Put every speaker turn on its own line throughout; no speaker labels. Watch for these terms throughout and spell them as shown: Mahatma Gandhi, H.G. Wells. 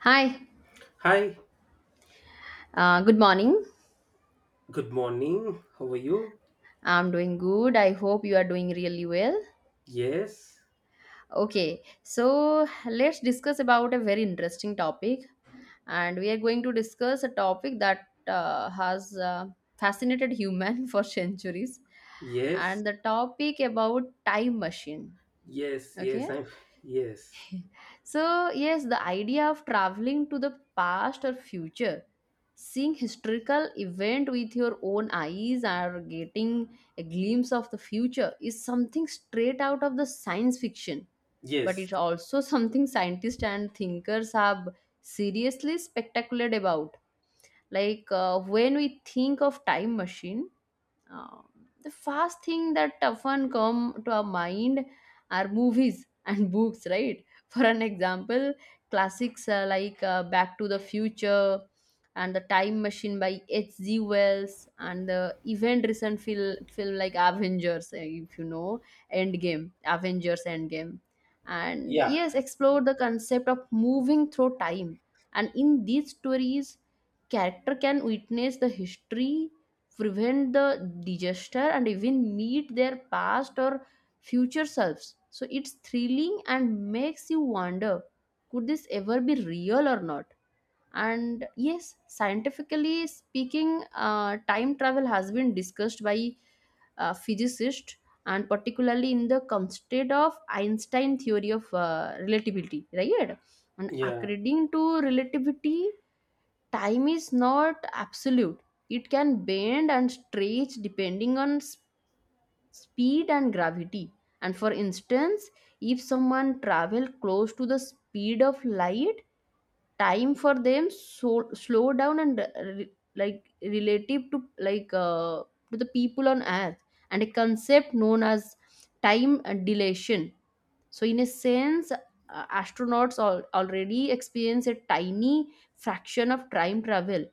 Hi,
Hi,
good morning.
good morning. How are you?
I'm doing good. I hope you are doing really well.
Yes,
Okay, so let's discuss about a very interesting topic, and we are going to discuss a topic that has fascinated human for centuries,
yes,
and the topic about time machine.
yes, yes.
Okay,
I'm Yes,
so, yes, the idea of traveling to the past or future, seeing historical event with your own eyes or getting a glimpse of the future is something straight out of the science fiction, but
yes,
it's also something scientists and thinkers have seriously speculated about. Like when we think of time machine, uh, the first thing that often come to our mind are movies and books, right? For an example, classics like Back to the Future and The Time Machine by H.G. Wells and the even recent film like Avengers, if you know, Endgame, Avengers Endgame. And
yeah,
yes, explore the concept of moving through time. And in these stories, character can witness the history prevent the digester and even meet their past or future selves. So it's thrilling and makes you wonder could this ever be real or not? And yes, scientifically speaking, time travel has been discussed by physicists and particularly in the context of Einstein theory of relativity, right? And
yeah,
according to relativity, time is not absolute, it can bend and stretch depending on speed and gravity, and for instance, if someone travel close to the speed of light, time for them so slow down and like relative to to the people on earth, and a concept known as time dilation. So in a sense, astronauts already experience a tiny fraction of time travel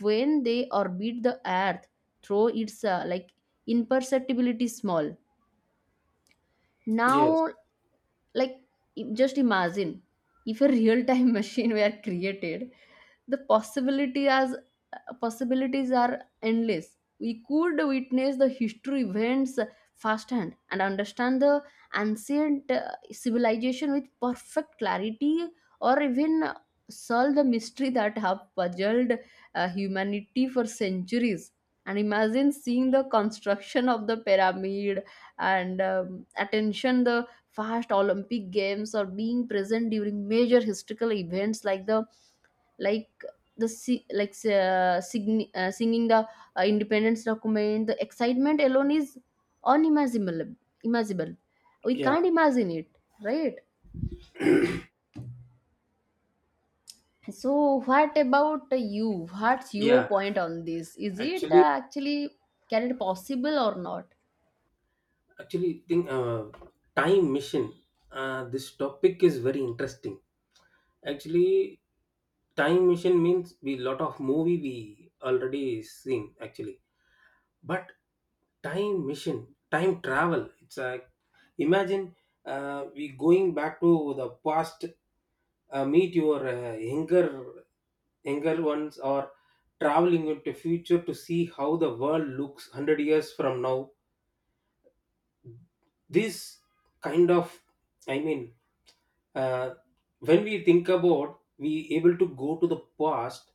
when they orbit the earth through its like imperceptibility small
yes,
now. Like just imagine if a real time machine were created, the possibility as possibilities are endless. We could witness the history events firsthand and understand the ancient civilization with perfect clarity, or even solve the mystery that have puzzled humanity for centuries. And imagine seeing the construction of the pyramid and attention the past olympic games, or being present during major historical events like the like the singing the independence document. The excitement alone is unimaginable imaginable, we can't
yeah,
imagine it, right? So what about you, what's your
yeah.
point on this, is it
Actually,
actually, can it possible or not?
actually, think time machine. This topic is very interesting. Actually, time machine means we lot of movie we already seen actually, but time machine, time travel. It's like imagine, we going back to the past, meet your younger ones, or traveling into future to see how the world looks 100 years from now. This kind of, I mean, uh, when we think about, we able to go to the past,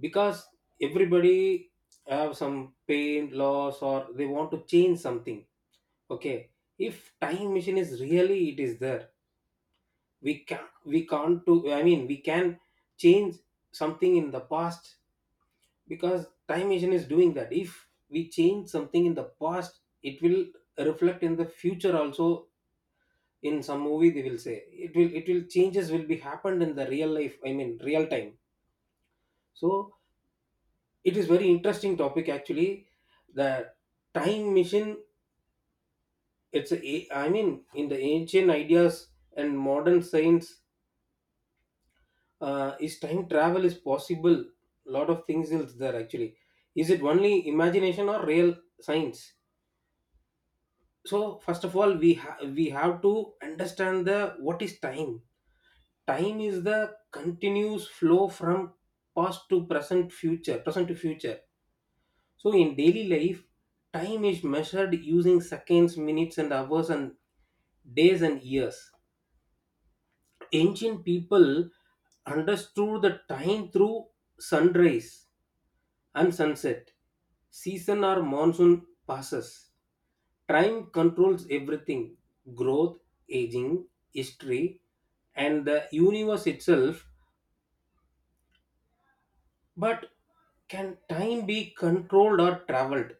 because everybody have some pain loss or they want to change something. Okay, if time machine is really it is there, we can, we can't do, I mean, we can change something in the past, because time machine is doing that. If we change something in the past, it will reflect in the future also. In some movie they will say it will changes will be happened in the real life, I mean real time. So it is very interesting topic actually, the time machine. I mean, in the ancient ideas and modern science, is time travel is possible? A lot of things is there actually. Is it only imagination or real science? So first of all we have to understand the what is time. Time is the continuous flow from past to present, future, present to future. So in daily life, time is measured using seconds, minutes, and hours, and days and years. Ancient people understood the time through sunrise and sunset. Season or monsoon passes. Time controls everything: growth, aging, history, and the universe itself. But can time be controlled or traveled?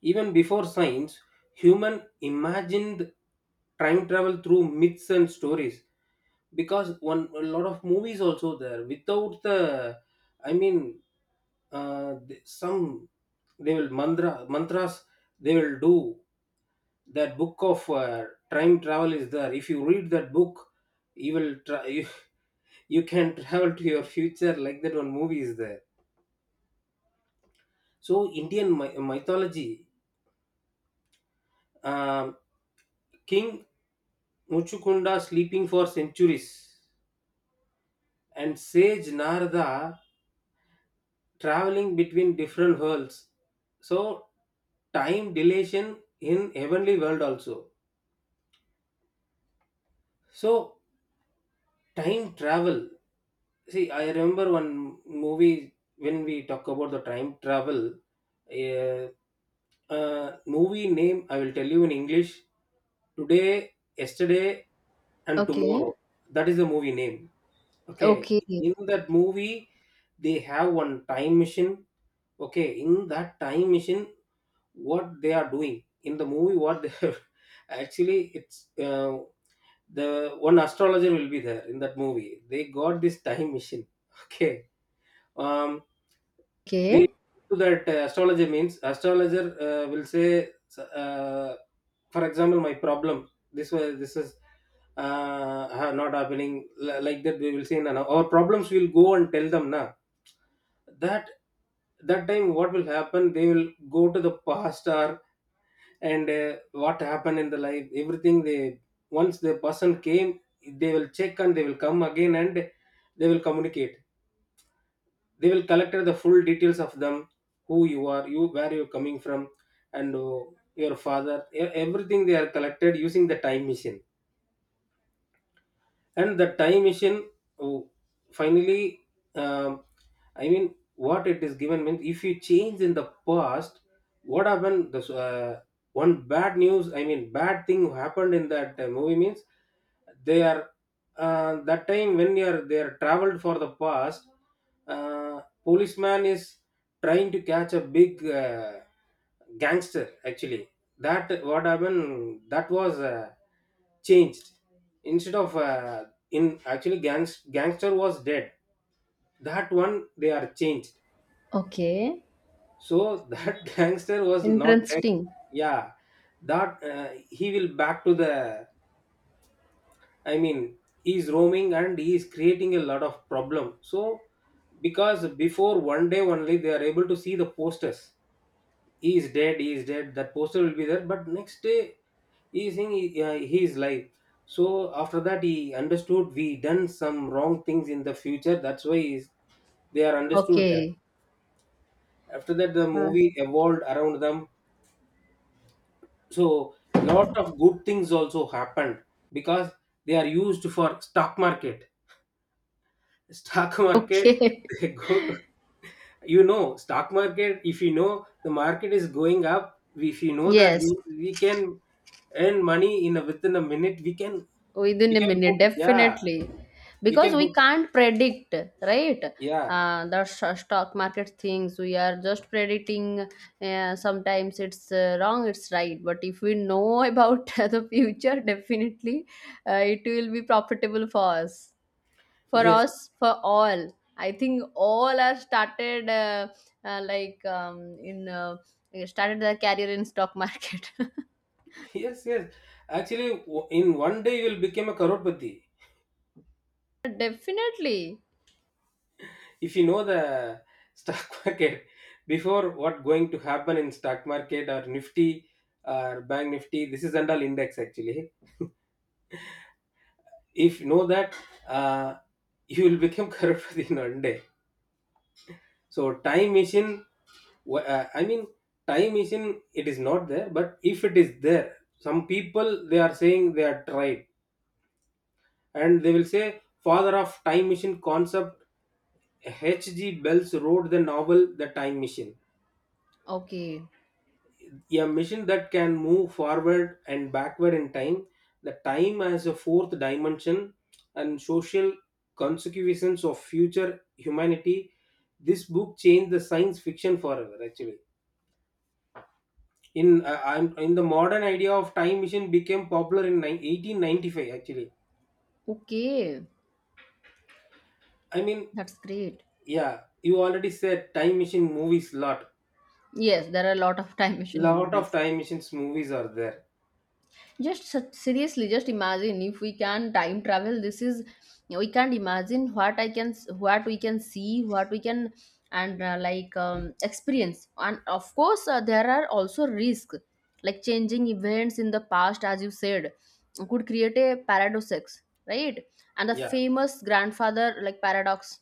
Even before science, human imagined time travel through myths and stories. Because one, a lot of movies also there without the, I mean, some, they will mantras they will do. That book of, time travel is there. If you read that book you will try you can travel to your future, like that one movie is there. So Indian mythology, um, king Muchukonda sleeping for centuries, and sage Narada traveling between different worlds. So, time dilation in heavenly world also. So, time travel. See, I remember one movie when we talk about the time travel. Uh, Movie name I will tell you in English. Today, Yesterday, and
Okay,
Tomorrow. That is the movie name. Okay,
okay,
in that movie they have one time machine. Okay, in that time machine, what they are doing in the movie, what they actually it's, uh, the one astrologer will be there in that movie. They got this time machine. Okay, um they,
okay,
to that astrology means astrologer will say, uh, for example my problem this is, not happening, like that they will say, no, no. Our problems will go and tell them now, that that time what will happen they will go to the past. Or and, what happened in the life, everything they, once the person came, they will check and they will come again, and they will communicate, they will collect the full details of them: who you are, you where you're coming from, and your father, everything they are collected using the time machine. And the time machine, oh, finally, um, I mean, what it is given means, if you change in the past, what happened? The, uh, one bad news, I mean, bad thing happened in that movie means, they are, that time when they are traveled for the past. uh, Policeman is trying to catch a big, uh, gangster actually. That what happened, that was, changed, instead of, in actually, gangster was dead, that one they are changed.
okay,
So that gangster was not dead.
interesting,
Yeah, that, he will back to the, I mean, he is roaming and he is creating a lot of problem. So because before one day only they are able to see the posters: he is dead, he is dead, that poster will be there. But next day he is saying he is live. So after that he understood we done some wrong things in the future, that's why he is, they are understood that.
okay.
After that the
Uh,
movie evolved around them. So lot of good things also happened, because they are used for stock market, stock market
okay.
they go to, stock market. If you know the market is going up, if you know that, we
Yes,
we can earn money within a minute we can we
within a
can put.
minute,
Yeah,
definitely.
we
Because
can put.
we can't predict, right?
Yeah,
The stock market things, we are just predicting. Sometimes it's wrong, it's right. But if we know about the future, definitely it will be profitable for us, for
yes.
us, for all. I think all are started like in started their career in stock market.
Yes, yes. Actually, in one day you will become a karodpati,
Definitely.
if you know the stock market, before what going to happen in stock market, or nifty or bank nifty, this is and index actually. If you know that, uh, you will become karodpati in one day. So time machine, I mean, time machine, it is not there. But if it is there, some people they are saying they are tried, and they will say father of time machine concept H.G. Wells wrote the novel The Time Machine,
Okay.
a machine that can move forward and backward in time, the time as a fourth dimension, and social consequences of future humanity. This book changed the science fiction forever actually. In the modern idea of time machine became popular in 1895 actually.
Okay.
I mean,
That's great.
yeah, you already said time machine movies lot.
Yes, there are a lot of time machine
Lot of
movies.
time machines movies are there.
Just such, seriously, just imagine if we can time travel. This is we can't imagine what I can, what we can see, what we can, and experience. And of course, there are also risks, like changing events in the past, as you said, could create a paradox, right? And the
Yeah.
famous grandfather like paradox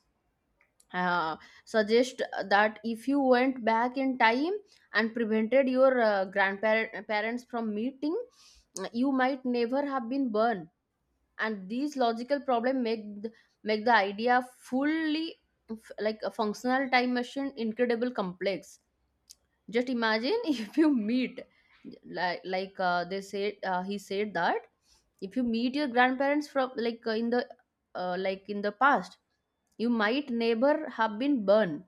uh, suggest that if you went back in time and prevented your grandparents from meeting, you might never have been born, and these logical problem make the idea fully like a functional time machine incredible complex. Just imagine if you meet like they said, he said that if you meet your grandparents from in the like in the past, you might neighbor have been burned,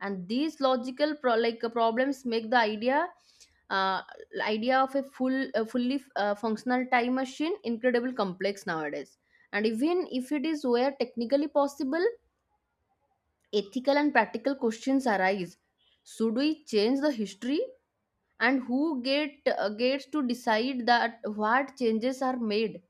and these logical problems make the idea, uh, idea of a fully functional time machine incredibly complex nowadays. And even if it is where technically possible, ethical and practical questions arise. Should we change the history, and who gets to decide that what changes are made?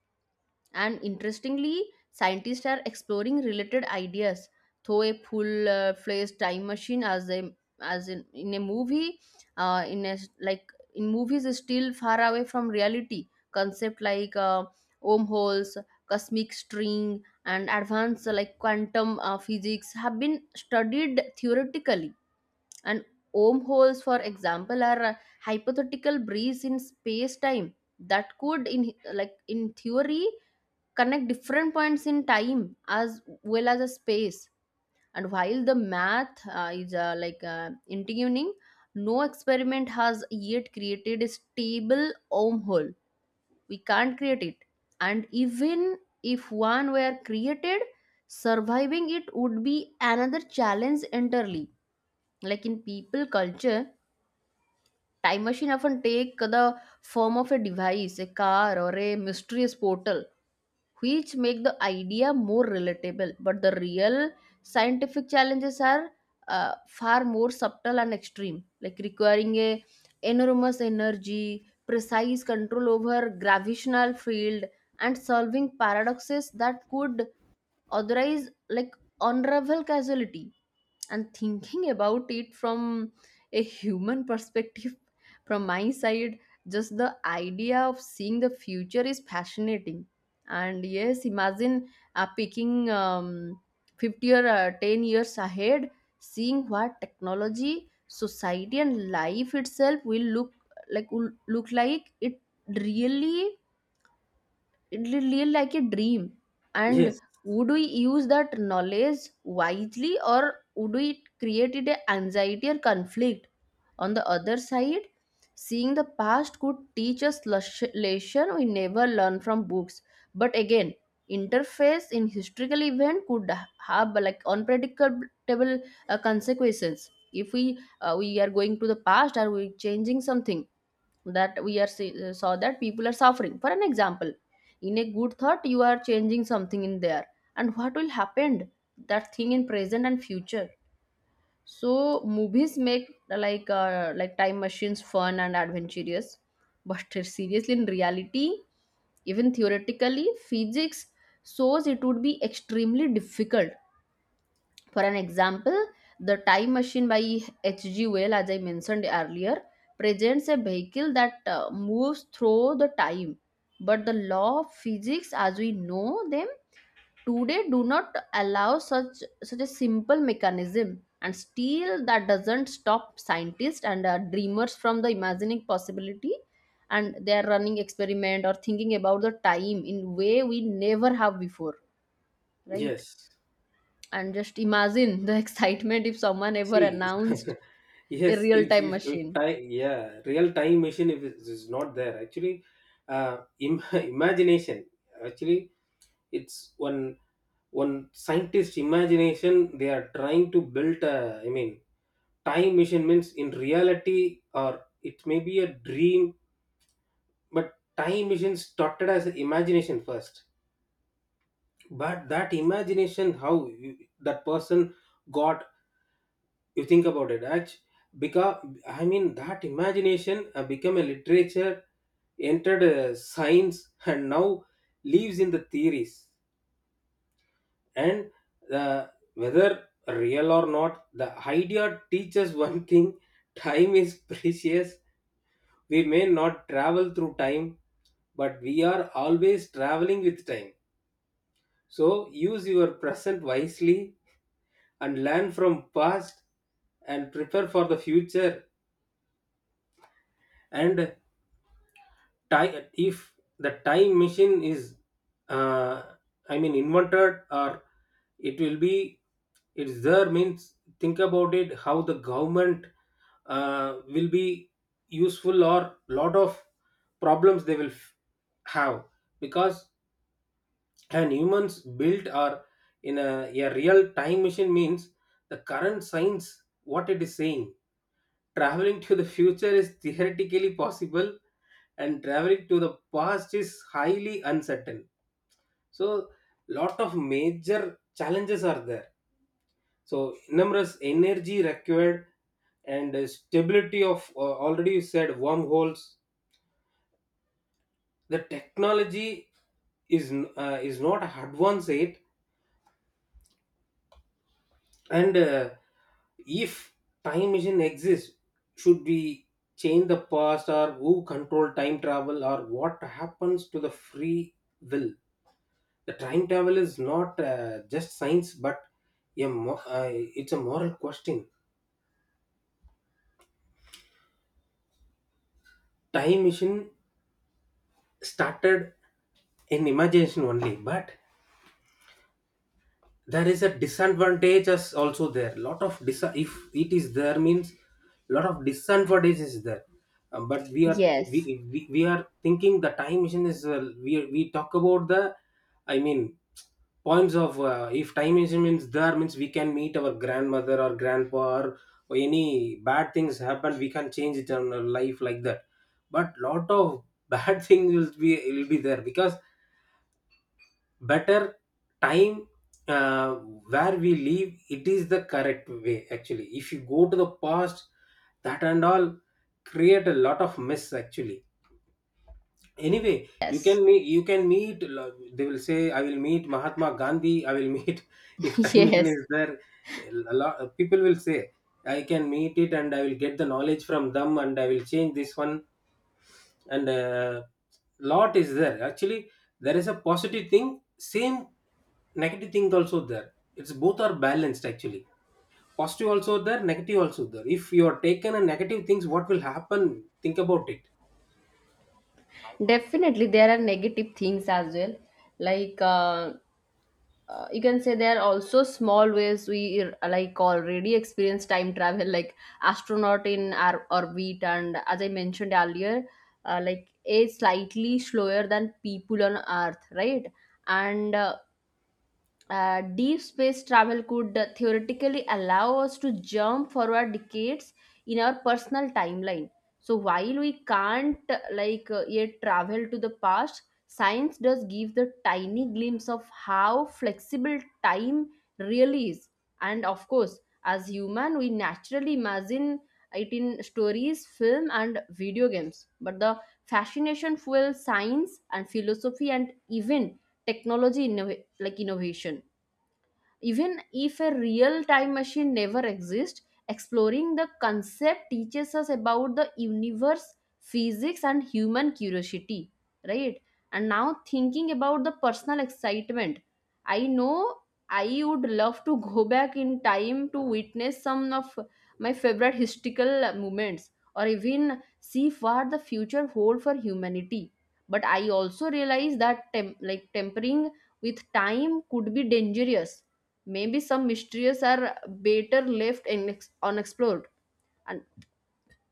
And interestingly, scientists are exploring related ideas through a full fledged time machine as a in a movie, like in movies is still far away from reality. Concept like wormholes, cosmic string, and advanced quantum physics have been studied theoretically. And wormholes, for example, are hypothetical breeze in space-time that could, in like in theory, connect different points in time as well as a space. And while the math is intriguing, no experiment has yet created a stable wormhole. We can't create it. And even if one were created, surviving it would be another challenge entirely. Like in people culture, time machine often take the form of a device, a car, or a mysterious portal, which make the idea more relatable. But the real scientific challenges are far more subtle and extreme, like requiring a enormous energy, precise control over gravitational field, and solving paradoxes that could otherwise like unravel causality. And thinking about it from a human perspective from my side, just the idea of seeing the future is fascinating. And yes, imagine picking 50 or 10 years ahead, seeing what technology, society, and life itself will look like it really, it will real like a dream. And
Yes.
would we use that knowledge wisely, or would we create it a anxiety or conflict? On the other side, seeing the past could teach us lesson we never learn from books. But again, interface in historical event could have like unpredictable consequences. If we we are going to the past or we changing something, that we are saw that people are suffering, for an example, in a good thought you are changing something in there, and what will happen that thing in present and future. So movies make time machines fun and adventurous, but seriously in reality, even theoretically physics shows it would be extremely difficult. For an example, the Time Machine by H.G. Wells, as I mentioned earlier, presents a vehicle that moves through the time. But the law of physics, as we know them today, do not allow such such a simple mechanism. And still, that doesn't stop scientists and dreamers from the imagining possibility. And they are running experiment or thinking about the time in way we never have before, right?
Yes.
And just imagine the excitement if someone ever
See,
announced a
yes,
real
if
time
if, if
machine.
time, yeah, real time machine if it is not there actually, imagination actually. It's one scientist imagination, they are trying to build. I mean, time machine means in reality, or it may be a dream, but time machine started as an imagination first. But that imagination, that person got, you think about it actually. Because, I mean, that imagination become a literature, entered science, and now lives in the theories. And, uh, whether real or not, the idea teaches one thing: time is precious. We may not travel through time, but we are always traveling with time. So use your present wisely, and learn from past, and prepare for the future. And, if the time machine is, uh, I mean, invented, or it will be, it's there, means think about it, how the government will be useful, or lot of problems they will have. Because, and humans built are in a real time machine means, the current science, what it is saying, traveling to the future is theoretically possible, and traveling to the past is highly uncertain. So lot of major challenges are there. So numerous energy required, and, stability of, already you said wormholes, the technology is not advanced yet. And, if time machine exists, should we change the past, or who control time travel, or what happens to the free will? The time travel is not, just science, but it's a moral question. Time machine started in imagination only, but there is a disadvantage as also there, lot of, if it is there means lot of disadvantage is there. But we are we,
Yes,
we are thinking the time machine is, we, talk about the, I mean, points of, if time machine means there means, we can meet our grandmother or grandpa, or any bad things happen we can change it in our life, like that. But lot of bad things will be there, because better time, where we live, it is the correct way actually. If you go to the past, that and all create a lot of mess actually. Anyway, you can
yes.
meet you can meet they will say, I will meet Mahatma Gandhi, I will meet, if time machine
Yes.
is there, a lot people will say I can meet it, and I will get the knowledge from them, and I will change this one. And, lot is there actually. There is a positive thing, same negative thing also there. It's both are balanced actually. Positive also there, negative also there. If you are taken a negative things, what will happen, think about it.
Definitely, there are negative things as well. Like, you can say there are also small ways we like already experience time travel, like astronaut in our orbit, and as I mentioned earlier, like a slightly slower than people on Earth, right? And deep space travel could theoretically allow us to jump forward decades in our personal timeline. So while we can't yet travel to the past, science does give the tiny glimpse of how flexible time really is. And of course, as human we naturally imagine it in stories, film, and video games, but the fascination fuels science and philosophy and even technology innovation. Even if a real time machine never exists, exploring the concept teaches us about the universe, physics, and human curiosity, right? And now, thinking about the personal excitement, I know I would love to go back in time to witness some of my favorite historical moments or even see what the future holds for humanity. But I also realize that tempering with time could be dangerous. Maybe some mysteries are better left unexplored, and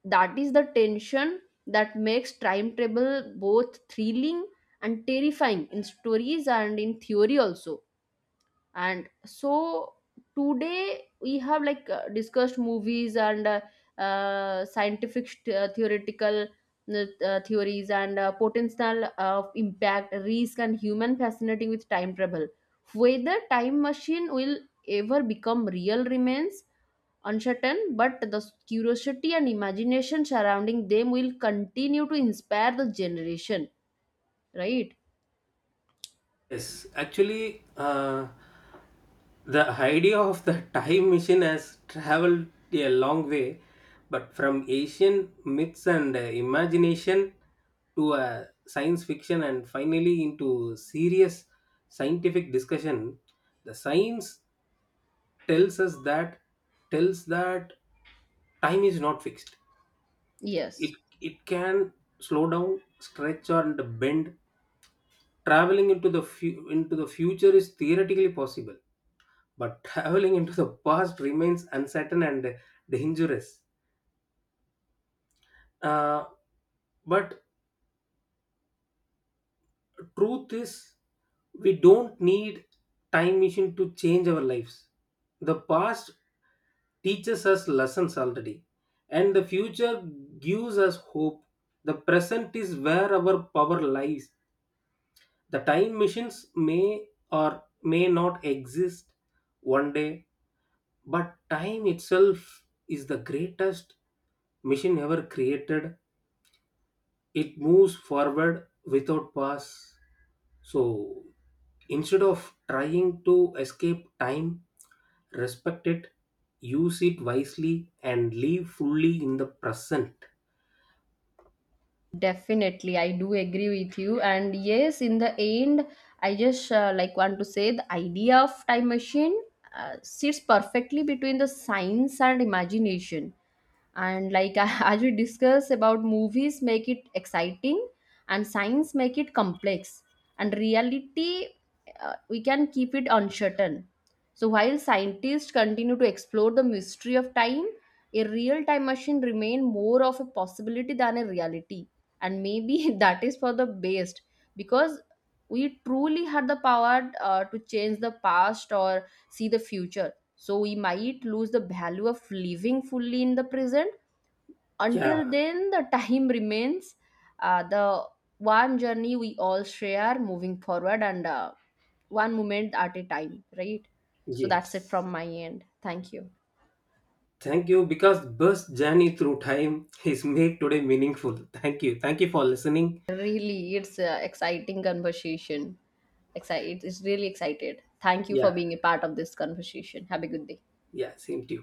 that is the tension that makes time travel both thrilling and terrifying in stories and in theory also. And so today we have discussed movies and scientific theoretical theories and potential of impact risk and human fascinating with time travel. Whether time machine will ever become real remains uncertain, but the curiosity and imagination surrounding them will continue to inspire the generation, right?
Yes, actually, the idea of the time machine has traveled a long way, but from Asian myths and, imagination, to, science fiction, and finally into serious scientific discussion. The science tells us that tells that time is not fixed. It
Yes.
it can slow down, stretch, and bend. Traveling into the future is theoretically possible, but traveling into the past remains uncertain and dangerous. Uh, but truth is, we don't need time machine to change our lives. The past teaches us lessons already, and the future gives us hope. The present is where our power lies. The time machines may or may not exist one day. But time itself is the greatest machine ever created. It moves forward without pause. So instead of trying to escape time, respect it, use it wisely, and live fully in the present.
Definitely, I do agree with you. And yes, in the end, I just want to say the idea of time machine sits perfectly between the science and imagination. And like, as we discuss about, movies make it exciting and science make it complex, and reality we can keep it uncertain. So while scientists continue to explore the mystery of time, a real time machine remain more of a possibility than a reality. And maybe that is for the best, because we truly had the power to change the past or see the future, so we might lose the value of living fully in the present.
Yeah,
Until then, the time remains the one journey we all share, moving forward and one moment at a time, right? So that's it
yes.
from my end. Thank you.
Thank you, because bus journey through time is made today meaningful. Thank you. Thank you for listening.
Really, it's an exciting conversation. Excited. It's really excited. Thank you for
Yeah,
being a part of this conversation. Have a good day.
yeah, same to you.